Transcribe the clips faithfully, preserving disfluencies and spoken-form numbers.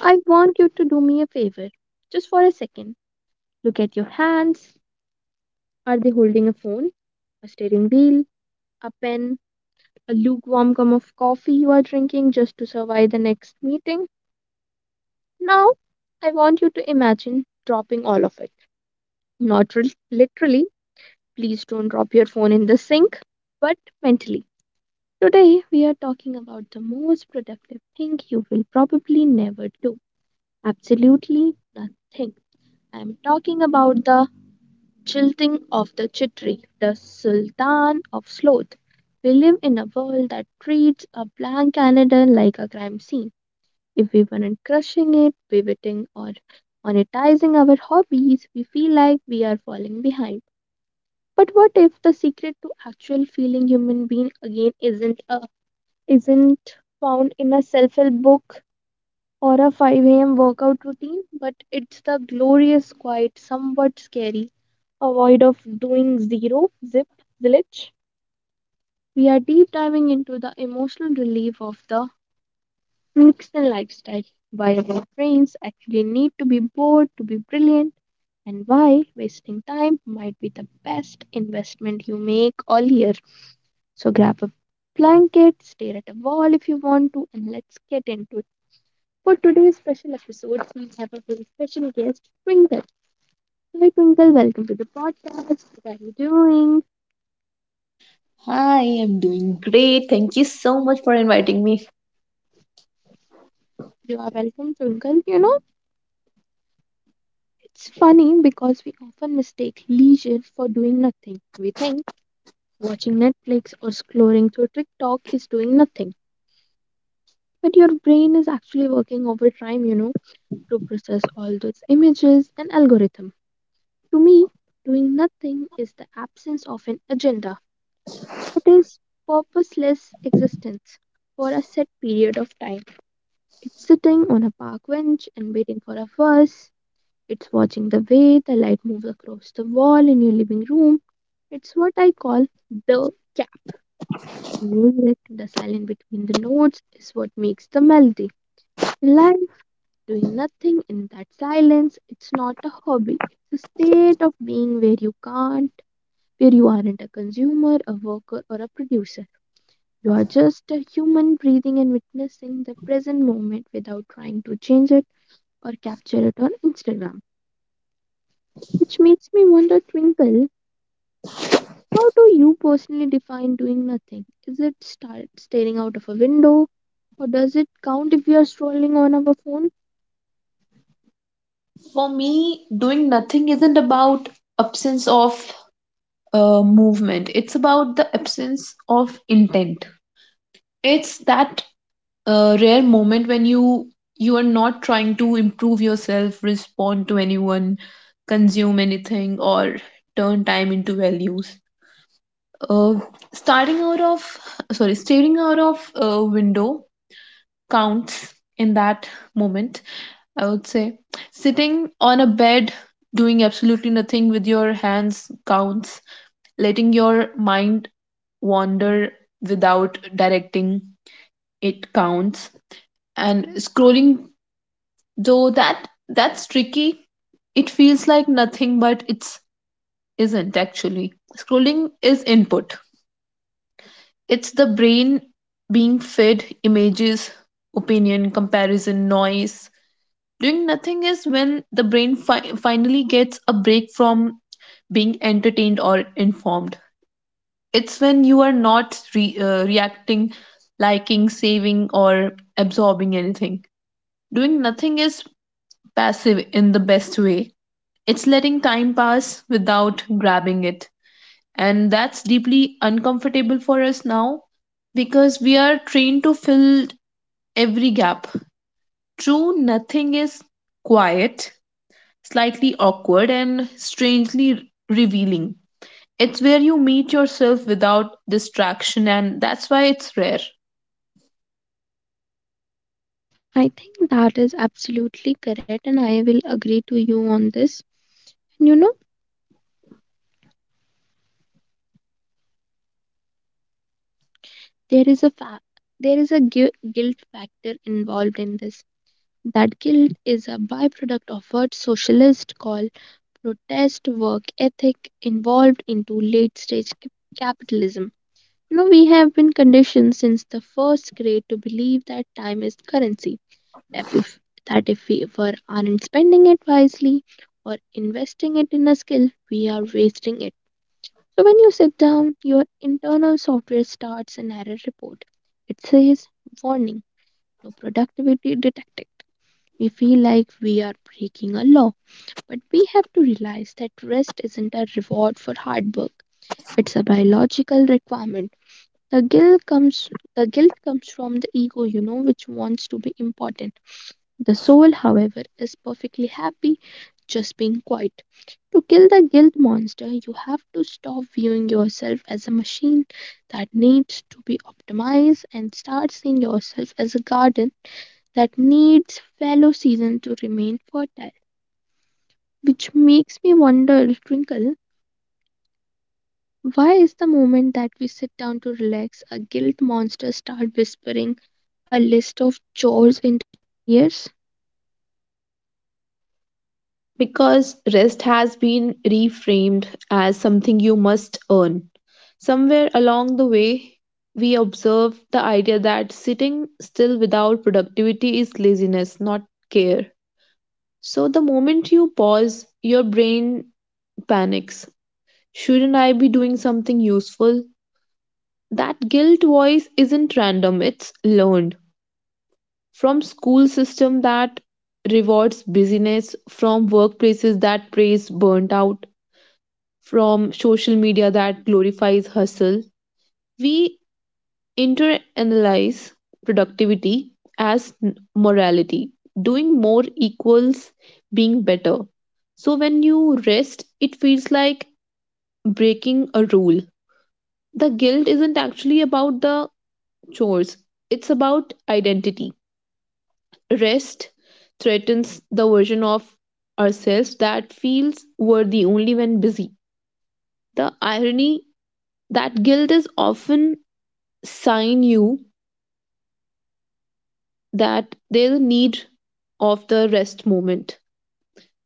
I want you to do me a favor just for a second. Look at your hands. Are they holding a phone, a steering wheel, a pen, a lukewarm cup of coffee you are drinking just to survive the next meeting? Now, I want you to imagine dropping all of it. Not re- Literally, please don't drop your phone in the sink, but mentally. Today, we are talking about the most productive thing you will probably never do. Absolutely nothing. I'm talking about the jilting of the chitri, the sultan of sloth. We live in a world that treats a blank calendar like a crime scene. If we weren't crushing it, pivoting, or monetizing our hobbies, we feel like we are falling behind. But what if the secret to actual feeling human being again isn't a, isn't found in a self-help book or a five a m workout routine, but it's the glorious, quiet, somewhat scary, avoid of doing zero, zip, zilch. We are deep diving into the emotional relief of the Nixon lifestyle, why our brains actually need to be bored to be brilliant, and why wasting time might be the best investment you make all year. So grab a blanket, stare at a wall if you want to, and let's get into. For today's special episode, we have a very special guest, Twinkle. Hi, Twinkle. Welcome to the podcast. What are you doing? I am doing great. Thank you so much for inviting me. You are welcome, Twinkle. You know, it's funny because we often mistake leisure for doing nothing. We think watching Netflix or scrolling through TikTok is doing nothing. But your brain is actually working overtime, you know, to process all those images and algorithm. To me, doing nothing is the absence of an agenda. It is purposeless existence for a set period of time. It's sitting on a park bench and waiting for a bus. It's watching the way the light moves across the wall in your living room. It's what I call the gap. Music, the silence between the notes, is what makes the melody. In life, doing nothing in that silence, it's not a hobby. It's a state of being where you can't, where you aren't a consumer, a worker, or a producer. You are just a human breathing and witnessing the present moment without trying to change it or capture it on Instagram. Which makes me wonder, Twinkle, how do you personally define doing nothing? Is it start staring out of a window? Or does it count if we are scrolling on our phone? For me, doing nothing isn't about absence of uh, movement, it's about the absence of intent. It's that uh, rare moment when you you are not trying to improve yourself, respond to anyone, consume anything or turn time into values. Uh, starting out of sorry, Staring out of a window counts in that moment. I would say sitting on a bed doing absolutely nothing with your hands counts. Letting your mind wander without directing it counts. And scrolling though that that's tricky. It feels like nothing, but it's isn't actually. Scrolling is input. It's the brain being fed images, opinion, comparison, noise. Doing nothing is when the brain fi- finally gets a break from being entertained or informed. It's when you are not re- uh, reacting, liking, saving, or absorbing anything. Doing nothing is passive in the best way. It's letting time pass without grabbing it, and that's deeply uncomfortable for us now because we are trained to fill every gap. True, nothing is quiet, slightly awkward, and strangely revealing. It's where you meet yourself without distraction, and that's why it's rare. I think that is absolutely correct, and I will agree to you on this. You know, there is a fa- there is a gui- guilt factor involved in this. That guilt is a byproduct of what socialists call protest work ethic involved into late stage cap- capitalism. You know, we have been conditioned since the first grade to believe that time is currency. That if, that if we ever aren't spending it wisely or investing it in a skill, we are wasting it. So when you sit down, your internal software starts an error report. It says, warning, no productivity detected. We feel like we are breaking a law, but we have to realize that rest isn't a reward for hard work. It's a biological requirement. The guilt comes the guilt comes from the ego, you know, which wants to be important. The soul, however, is perfectly happy just being quiet. To kill the guilt monster, you have to stop viewing yourself as a machine that needs to be optimized and start seeing yourself as a garden that needs fallow season to remain fertile. Which makes me wonder, Twinkle, why is the moment that we sit down to relax, a guilt monster start whispering a list of chores into ears? Because rest has been reframed as something you must earn. Somewhere along the way, we observe the idea that sitting still without productivity is laziness, not care. So, the moment you pause, your brain panics. Shouldn't I be doing something useful? That guilt voice isn't random, it's learned from school system that rewards busyness, from workplaces that praise burnt out, from social media that glorifies hustle. We internalize productivity as n- morality. Doing more equals being better. So when you rest, it feels like breaking a rule. The guilt isn't actually about the chores, it's about identity. Rest threatens the version of ourselves that feels worthy only when busy. The irony that guilt is often sign you that there's a need of the rest moment.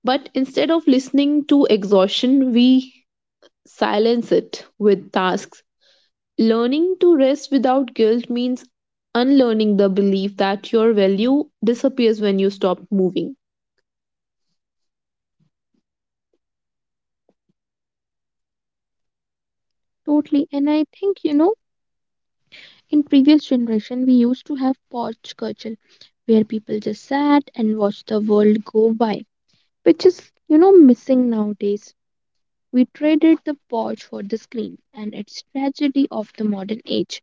But instead of listening to exhaustion, we silence it with tasks. Learning to rest without guilt means unlearning the belief that your value disappears when you stop moving. Totally. And I think, you know, in previous generation we used to have porch culture where people just sat and watched the world go by, which is, you know, missing nowadays. We traded the porch for the screen, and it's tragedy of the modern age.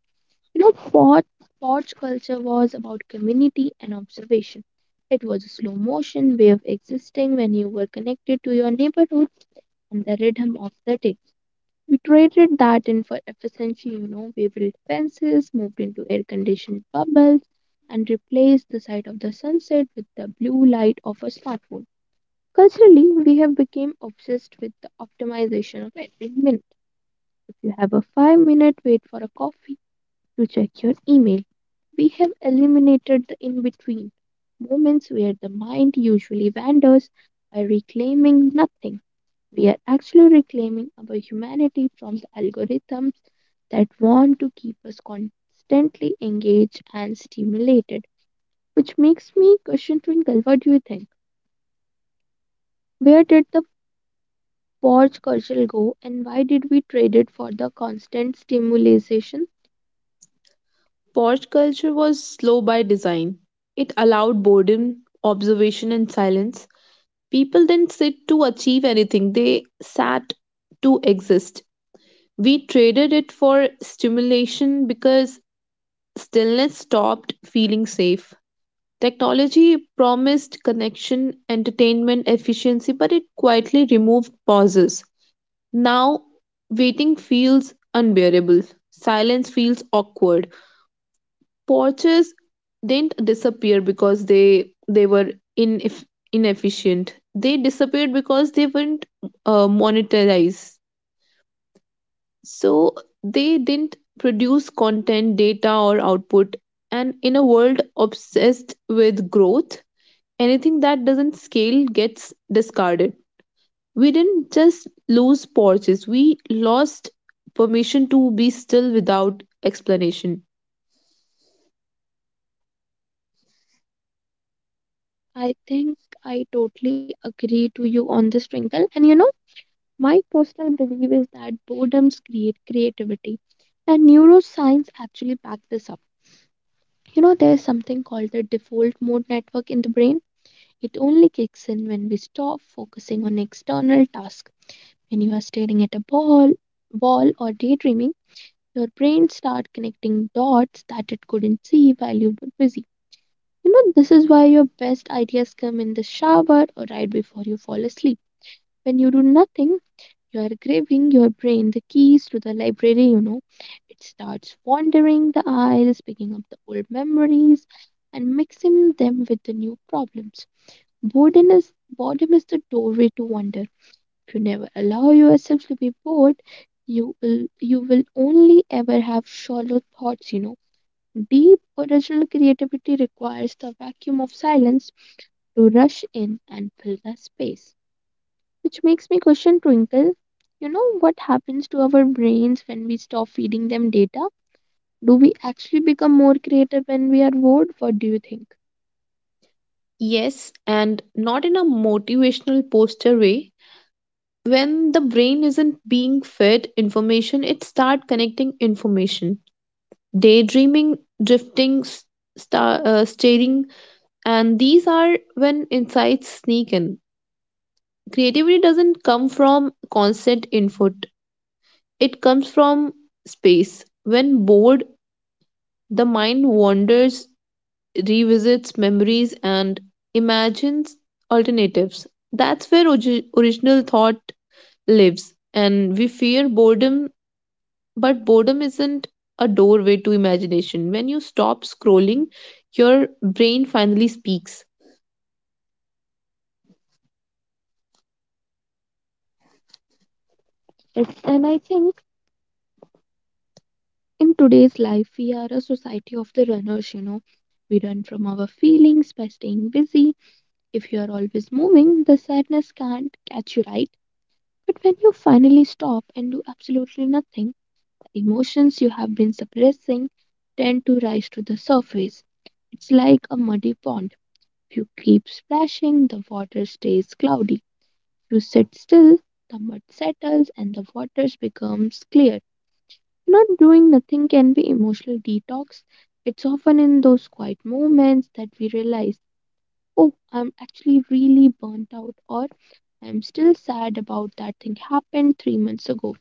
You know, Pod, Pod's culture was about community and observation. It was a slow motion way of existing when you were connected to your neighborhood and the rhythm of the day. We traded that in for efficiency, you know, we built fences, moved into air conditioned bubbles, and replaced the sight of the sunset with the blue light of a smartphone. Culturally, we have become obsessed with the optimization of every minute. If you have a five minute wait for a coffee, to check your email. We have eliminated the in between moments where the mind usually wanders by reclaiming nothing. We are actually reclaiming our humanity from the algorithms that want to keep us constantly engaged and stimulated. Which makes me question Twinkle, what do you think? Where did the pause culture go and why did we trade it for the constant stimulation? Porch culture was slow by design. It allowed boredom, observation, and silence. People didn't sit to achieve anything, they sat to exist. We traded it for stimulation because stillness stopped feeling safe. Technology promised connection, entertainment, efficiency, but it quietly removed pauses. Now, waiting feels unbearable. Silence feels awkward. Porches didn't disappear because they they were ineff- inefficient. They disappeared because they weren't uh, monetized. So they didn't produce content, data, or output. And in a world obsessed with growth, anything that doesn't scale gets discarded. We didn't just lose porches, we lost permission to be still without explanation. I think I totally agree to you on this, Twinkle. And you know, my personal belief is that boredoms create creativity, and neuroscience actually backs this up. You know, there's something called the default mode network in the brain. It only kicks in when we stop focusing on external tasks. When you are staring at a ball, wall or daydreaming, your brain starts connecting dots that it couldn't see while you were busy. You know, this is why your best ideas come in the shower or right before you fall asleep. When you do nothing, you are giving your brain the keys to the library, you know. It starts wandering the aisles, picking up the old memories and mixing them with the new problems. Boredom is, boredom is the doorway to wonder. If you never allow yourself to be bored, you will you will only ever have shallow thoughts, you know. Deep original creativity requires the vacuum of silence to rush in and fill the space, which makes me question Twinkle. You know what happens to our brains when we stop feeding them data? Do we actually become more creative when we are bored? What do you think? Yes, and not in a motivational poster way. When the brain isn't being fed information, it starts connecting information, daydreaming, drifting, s- star, uh, staring, and these are when insights sneak in. Creativity doesn't come from constant input, it comes from space. When bored, the mind wanders, revisits memories, and imagines alternatives. That's where ogi- original thought lives, and we fear boredom. But boredom isn't a doorway to imagination. When you stop scrolling, your brain finally speaks. Yes, and I think in today's life, we are a society of the runners, you know. We run from our feelings by staying busy. If you are always moving, the sadness can't catch you right. But when you finally stop and do absolutely nothing, emotions you have been suppressing tend to rise to the surface. It's like a muddy pond. If you keep splashing, the water stays cloudy. If you sit still, the mud settles, and the water becomes clear. Not doing nothing can be emotional detox. It's often in those quiet moments that we realize, oh, I'm actually really burnt out, or I'm still sad about that thing happened three months ago.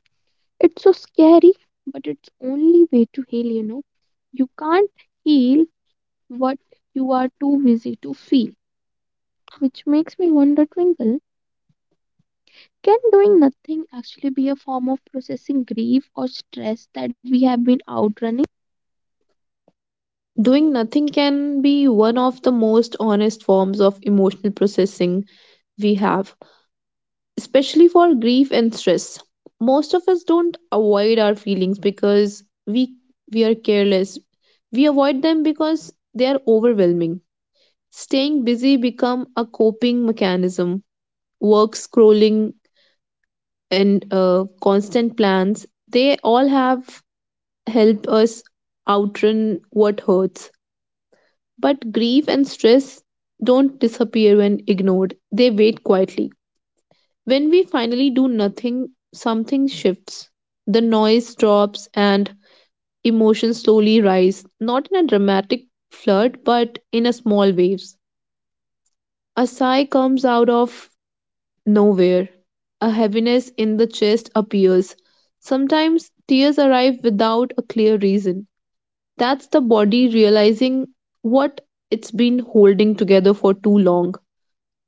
It's so scary, but it's only way to heal, you know. You can't heal what you are too busy to feel. Which makes me wonder, Twinkle, can doing nothing actually be a form of processing grief or stress that we have been outrunning? Doing nothing can be one of the most honest forms of emotional processing we have, especially for grief and stress. Most of us don't avoid our feelings because we we are careless. We avoid them because they are overwhelming. Staying busy become a coping mechanism. Work scrolling and uh, constant plans, they all have helped us outrun what hurts. But grief and stress don't disappear when ignored, they wait quietly. When we finally do nothing, something shifts. The noise drops and emotions slowly rise, not in a dramatic flood, but in a small waves. A sigh comes out of nowhere. A heaviness in the chest appears. Sometimes tears arrive without a clear reason. That's the body realizing what it's been holding together for too long.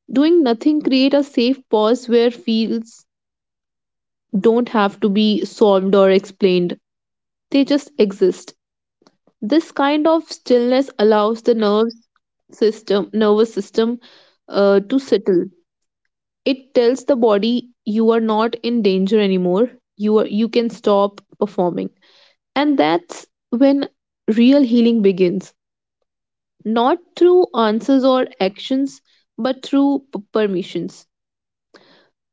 Doing nothing create a safe pause where feels don't have to be solved or explained. They just exist. This kind of stillness allows the nerve system, nervous system, uh, to settle. It tells the body you are not in danger anymore. You are you can stop performing. And that's when real healing begins, not through answers or actions, but through p- permissions.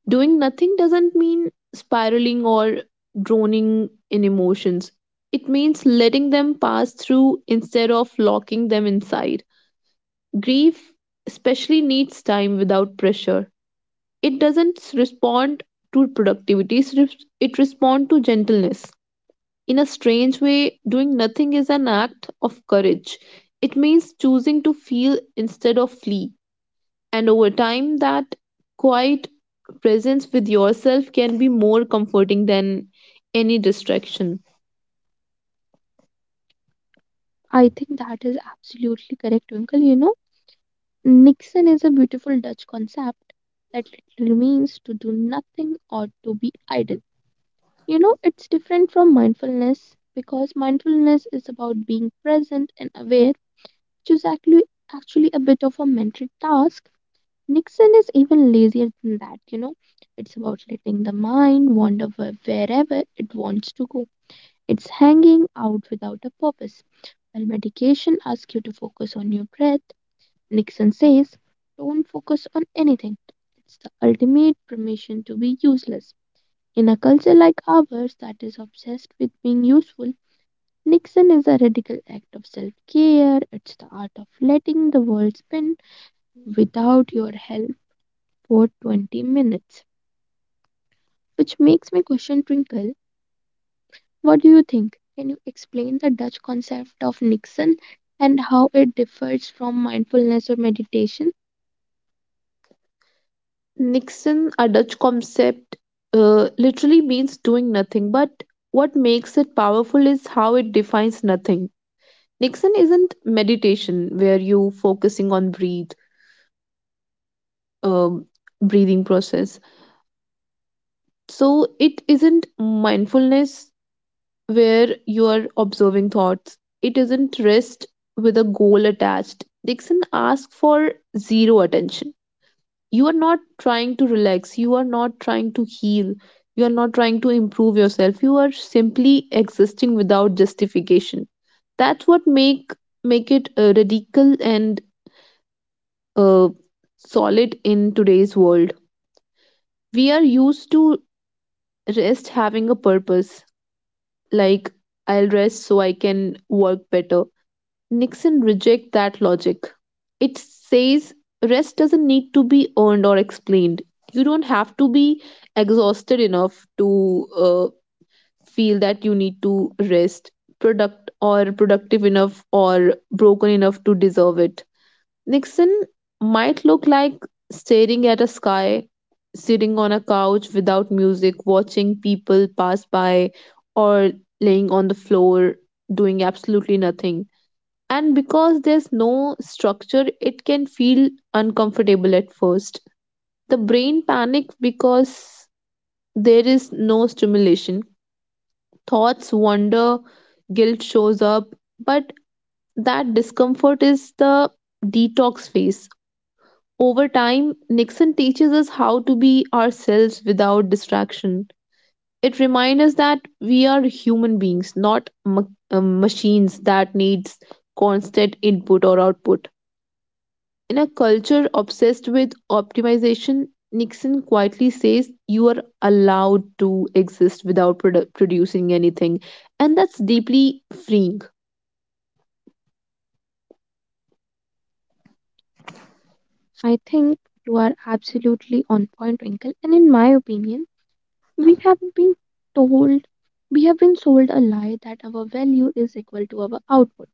Doing nothing doesn't mean spiraling or droning in emotions. It means letting them pass through instead of locking them inside. Grief especially needs time without pressure. It doesn't respond to productivity. It res- it responds to gentleness. In a strange way, doing nothing is an act of courage. It means choosing to feel instead of flee, and over time that quiet presence with yourself can be more comforting than any distraction. I think that is absolutely correct, Twinkle. You know, Nixon is a beautiful Dutch concept that literally means to do nothing or to be idle. You know, it's different from mindfulness because mindfulness is about being present and aware, which is actually actually a bit of a mental task. Nixon is even lazier than that, you know. It's about letting the mind wander wh- wherever it wants to go. It's hanging out without a purpose. While medication asks you to focus on your breath, Nixon says, don't focus on anything. It's the ultimate permission to be useless. In a culture like ours that is obsessed with being useful, Nixon is a radical act of self care. It's the art of letting the world spin without your help for twenty minutes. Which makes me question Twinkle. What do you think? Can you explain the Dutch concept of Nixon and how it differs from mindfulness or meditation? Nixon, a Dutch concept, uh, literally means doing nothing, but what makes it powerful is how it defines nothing. Nixon isn't meditation where you focusing on breathe, um, breathing process. So it isn't mindfulness where you are observing thoughts. It isn't rest with a goal attached. Dixon asks for zero attention. You are not trying to relax. You are not trying to heal. You are not trying to improve yourself. You are simply existing without justification. That's what make make it uh, radical and uh, solid in today's world. We are used to rest having a purpose, like I'll rest so I can work better. Nixon rejects that logic. It says rest doesn't need to be earned or explained. You don't have to be exhausted enough to uh, feel that you need to rest, product or productive enough or broken enough to deserve it. Nixon might look like staring at a sky, sitting on a couch without music, watching people pass by, or laying on the floor doing absolutely nothing. And because there's no structure it can feel uncomfortable at first. The brain panics because there is no stimulation. Thoughts wander, guilt shows up, but that discomfort is the detox phase. Over time Nixon teaches us how to be ourselves without distraction. It reminds us that we are human beings, not ma- uh, machines that needs constant input or output. In a culture obsessed with optimization, Nixon quietly says you are allowed to exist without produ- producing anything. And that's deeply freeing. I think you are absolutely on point, Twinkle, and in my opinion, We haven't been told, we have been sold a lie that our value is equal to our output.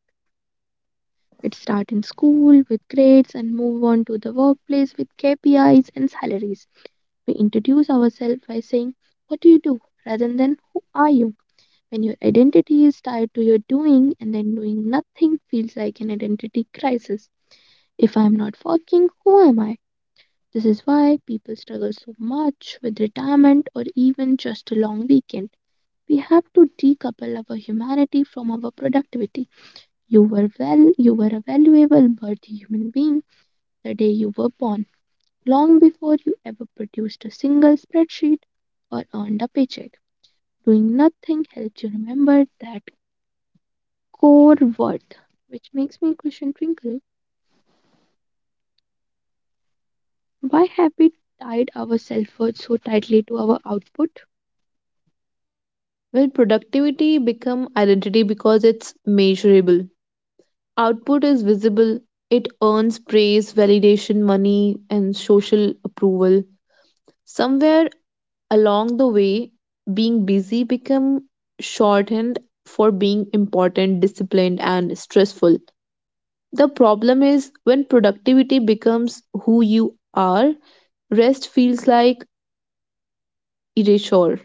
It starts in school with grades and move on to the workplace with K P Is and salaries. We introduce ourselves by saying, what do you do? Rather than who are you? When your identity is tied to your doing and then doing nothing feels like an identity crisis. If I'm not working, who am I? This is why people struggle so much with retirement or even just a long weekend. We have to decouple our humanity from our productivity. You were well, you were a valuable, worthy human being the day you were born, long before you ever produced a single spreadsheet or earned a paycheck. Doing nothing helps you remember that core worth, which makes me question Twinkle. Why have we tied our self worth so tightly to our output? Well, productivity become identity because it's measurable. Output is visible. It earns praise, validation, money, and social approval. Somewhere along the way, being busy become shorthand for being important, disciplined, and stressful. The problem is when productivity becomes who you are, rest feels like erasure.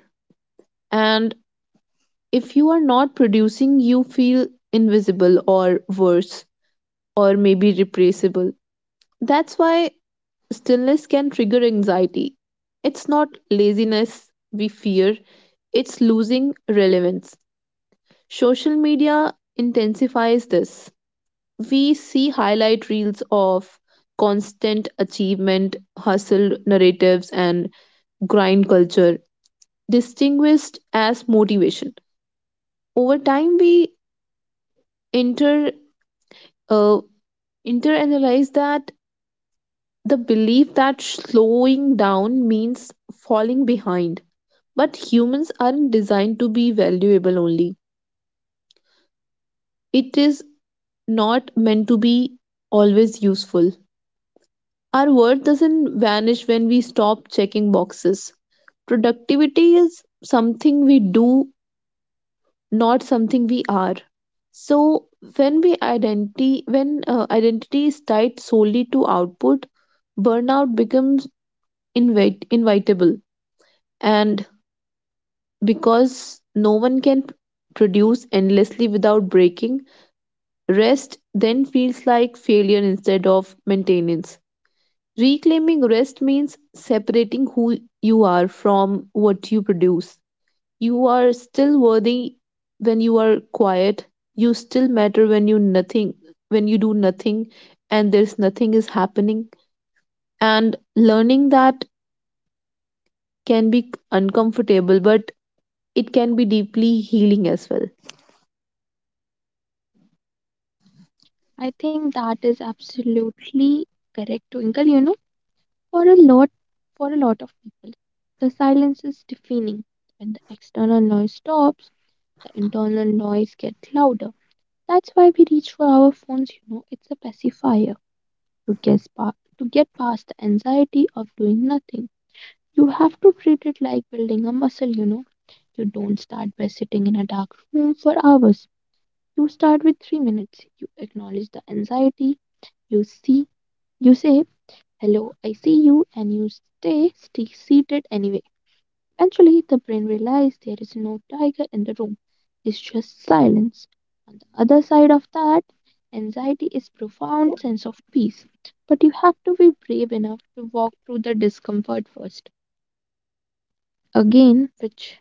And if you are not producing, you feel invisible or worse, or maybe replaceable. That's why stillness can trigger anxiety. It's not laziness we fear, it's losing relevance. Social media intensifies this. We see highlight reels of constant achievement, hustle narratives, and grind culture, distinguished as motivation. Over time, we inter uh, interanalyze that the belief that slowing down means falling behind, but humans aren't designed to be valuable only. It is not meant to be always useful. Our worth doesn't vanish when we stop checking boxes. Productivity is something we do, not something we are. So when we identity when uh, identity is tied solely to output, burnout becomes invite, invitable. And because no one can produce endlessly without breaking, rest then feels like failure instead of maintenance. Reclaiming rest means separating who you are from what you produce. You are still worthy when you are quiet. You still matter when you nothing When you do nothing and there's nothing is happening. And learning that can be uncomfortable, but it can be deeply healing as well. I think that is absolutely correct, Twinkle. You know, For a lot for a lot of people, the silence is deafening. When the external noise stops, the internal noise gets louder. That's why we reach for our phones, you know, It's a pacifier to guess pa- to get past the anxiety of doing nothing. You have to treat it like building a muscle, you know. You don't start by sitting in a dark room for hours. You start with three minutes. You acknowledge the anxiety, you see you say hello, I see you, and you stay, stay seated anyway. Eventually, the brain realizes there is no tiger in the room, it's just silence. On the other side of that, anxiety is profound sense of peace, but you have to be brave enough to walk through the discomfort first. Again, which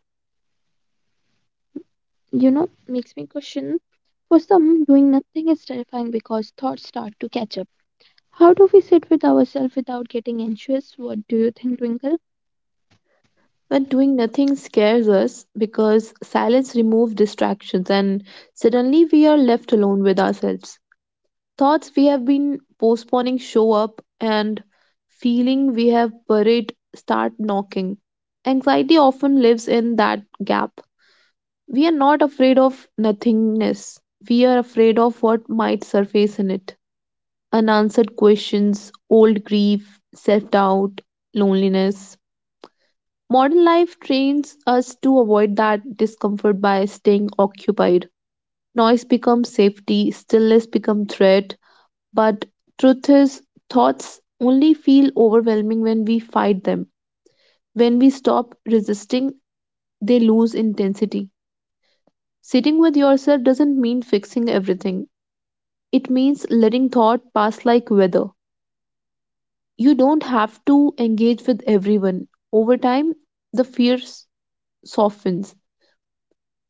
you know makes me question, for some, doing nothing is terrifying because thoughts start to catch up. How do we sit with ourselves without getting anxious? What do you think, Twinkle? When doing nothing scares us because silence removes distractions and suddenly we are left alone with ourselves. Thoughts we have been postponing show up, and feeling we have buried start knocking. Anxiety often lives in that gap. We are not afraid of nothingness, we are afraid of what might surface in it: unanswered questions, old grief, self doubt, loneliness. Modern life trains us to avoid that discomfort by staying occupied. Noise becomes safety, stillness becomes threat, but truth is, thoughts only feel overwhelming when we fight them. When we stop resisting, they lose intensity. Sitting with yourself doesn't mean fixing everything, it means letting thought pass like weather. You don't have to engage with everyone. Over time, the fear s- softens.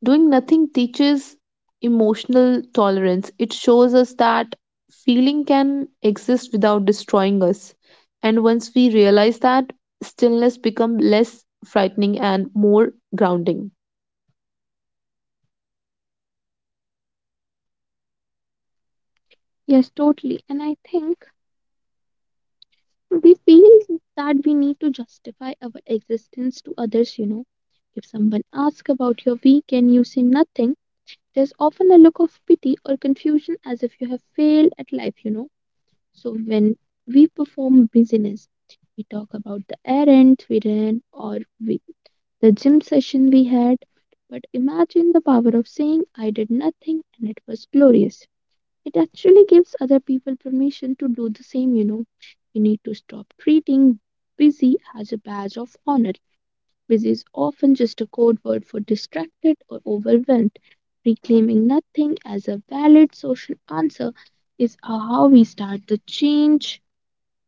Doing nothing teaches emotional tolerance. It shows us that feeling can exist without destroying us. And once we realize that, stillness becomes less frightening and more grounding. Yes, totally. And I think we feel that we need to justify our existence to others, you know. If someone asks about your week and you say nothing, there's often a look of pity or confusion as if you have failed at life, you know. So when we perform business, we talk about the errands we ran or we, the gym session we had. But imagine the power of saying, I did nothing and it was glorious. It actually gives other people permission to do the same, you know. We need to stop treating busy as a badge of honor. Busy is often just a code word for distracted or overwhelmed. Reclaiming nothing as a valid social answer is how we start the change,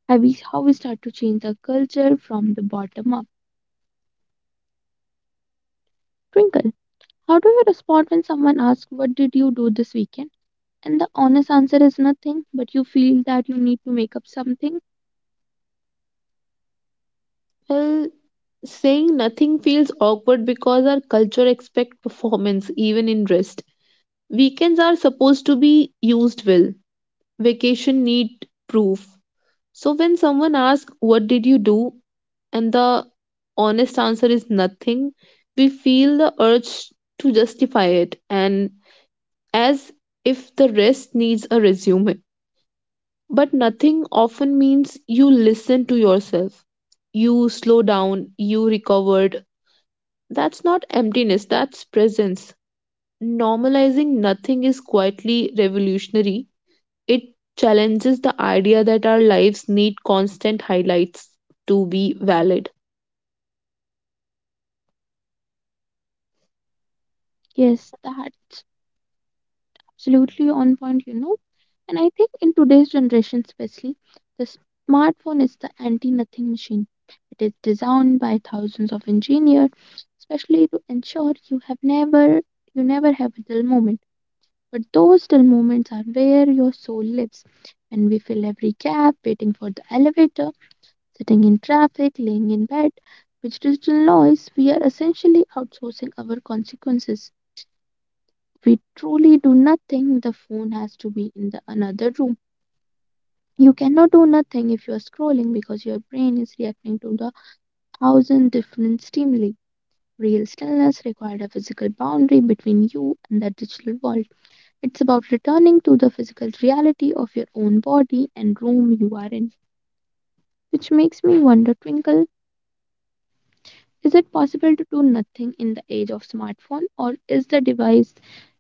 how we, how we start to change the culture from the bottom up. Twinkle, how do you respond when someone asks, what did you do this weekend, and the honest answer is nothing, but you feel that you need to make up something? Well, saying nothing feels awkward because our culture expects performance even in rest. Weekends are supposed to be used well. Vacation need proof. So when someone asks what did you do, and the honest answer is nothing. We feel the urge to justify it and as if the rest needs a resume. But nothing often means you listen to yourself. You slow down, you recovered. That's not emptiness, that's presence. Normalizing nothing is quietly revolutionary. It challenges the idea that our lives need constant highlights to be valid. Yes, that's absolutely on point, you know. And I think in today's generation, especially, the smartphone is the anti nothing machine. It is designed by thousands of engineers, especially to ensure you have never you never have a dull moment. But those dull moments are where your soul lives. And we fill every gap, waiting for the elevator, sitting in traffic, laying in bed. With digital noise, we are essentially outsourcing our consequences. We truly do nothing, the phone has to be in the another room. You cannot do nothing if you are scrolling because your brain is reacting to the thousand different stimuli. Real stillness required a physical boundary between you and the digital world. It's about returning to the physical reality of your own body and room you are in. Which makes me wonder, Twinkle, is it possible to do nothing in the age of smartphone, or is the device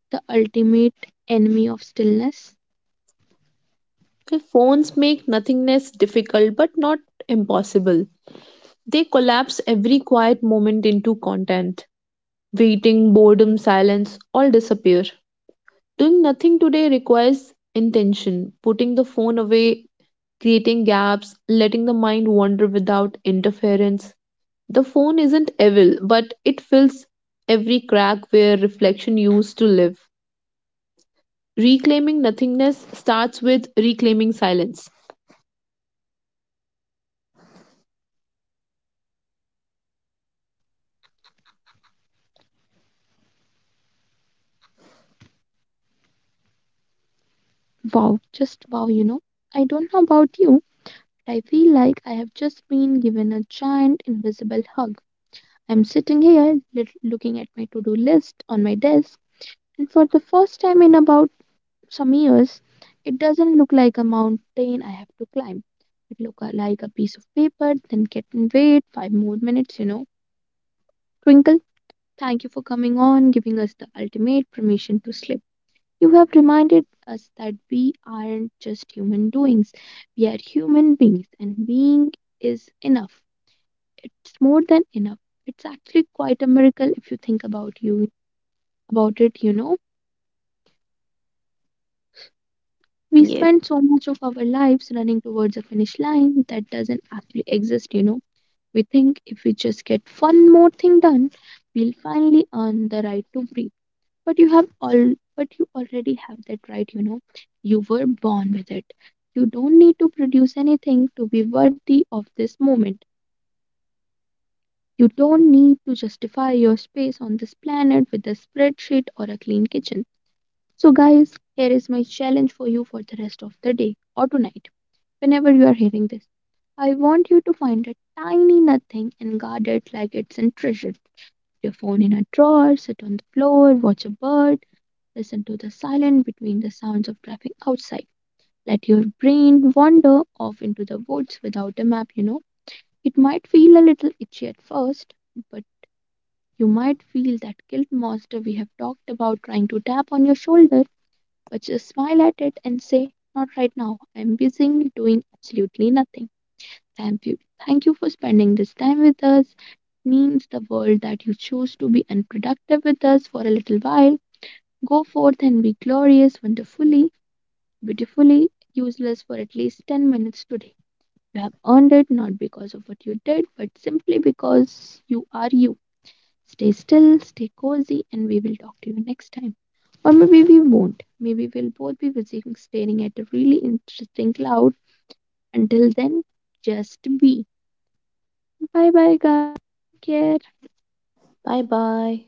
the ultimate enemy of stillness? Okay, phones make nothingness difficult but not impossible. They collapse every quiet moment into content. Waiting, boredom, silence all disappear. Doing nothing today requires intention, putting the phone away, creating gaps, letting the mind wander without interference. The phone isn't evil, but it fills every crack where reflection used to live. Reclaiming nothingness starts with reclaiming silence. Wow, just wow, you know. I don't know about you, but I feel like I have just been given a giant invisible hug. I'm sitting here lit- looking at my to do list on my desk, and for the first time in about some years, it doesn't look like a mountain I have to climb. It look a- like a piece of paper, then get and wait five more minutes, you know. Twinkle, thank you for coming on, giving us the ultimate permission to slip. You have reminded us that we aren't just human doings, we are human beings, and being is enough. It's more than enough. It's actually quite a miracle if you think about you about it, you know. We Yes, spend so much of our lives running towards a finish line that doesn't actually exist, you know. We think if we just get one more thing done, we'll finally earn the right to breathe. But you have all but you already have that right you know You were born with it. You don't need to produce anything to be worthy of this moment. You don't need to justify your space on this planet with a spreadsheet or a clean kitchen. So guys, here is my challenge for you for the rest of the day or tonight, whenever you are hearing this, I want you to find a tiny nothing and guard it like it's a treasure. Your phone in a drawer, sit on the floor, watch a bird, listen to the silence between the sounds of traffic outside. Let your brain wander off into the woods without a map, you know. It might feel a little itchy at first, but you might feel that guilt monster we have talked about trying to tap on your shoulder, but just smile at it and say, not right now. I'm busy doing absolutely nothing. Thank you. Thank you for spending this time with us. It means the world that you choose to be unproductive with us for a little while. Go forth and be glorious, wonderfully beautifully useless for at least ten minutes today. You have earned it not because of what you did, but simply because you are you. Stay still, stay cozy, and we will talk to you next time. Or maybe we won't. Maybe we'll both be busy staring at a really interesting cloud. Until then, just be. Bye bye, guys. Take care. bye bye.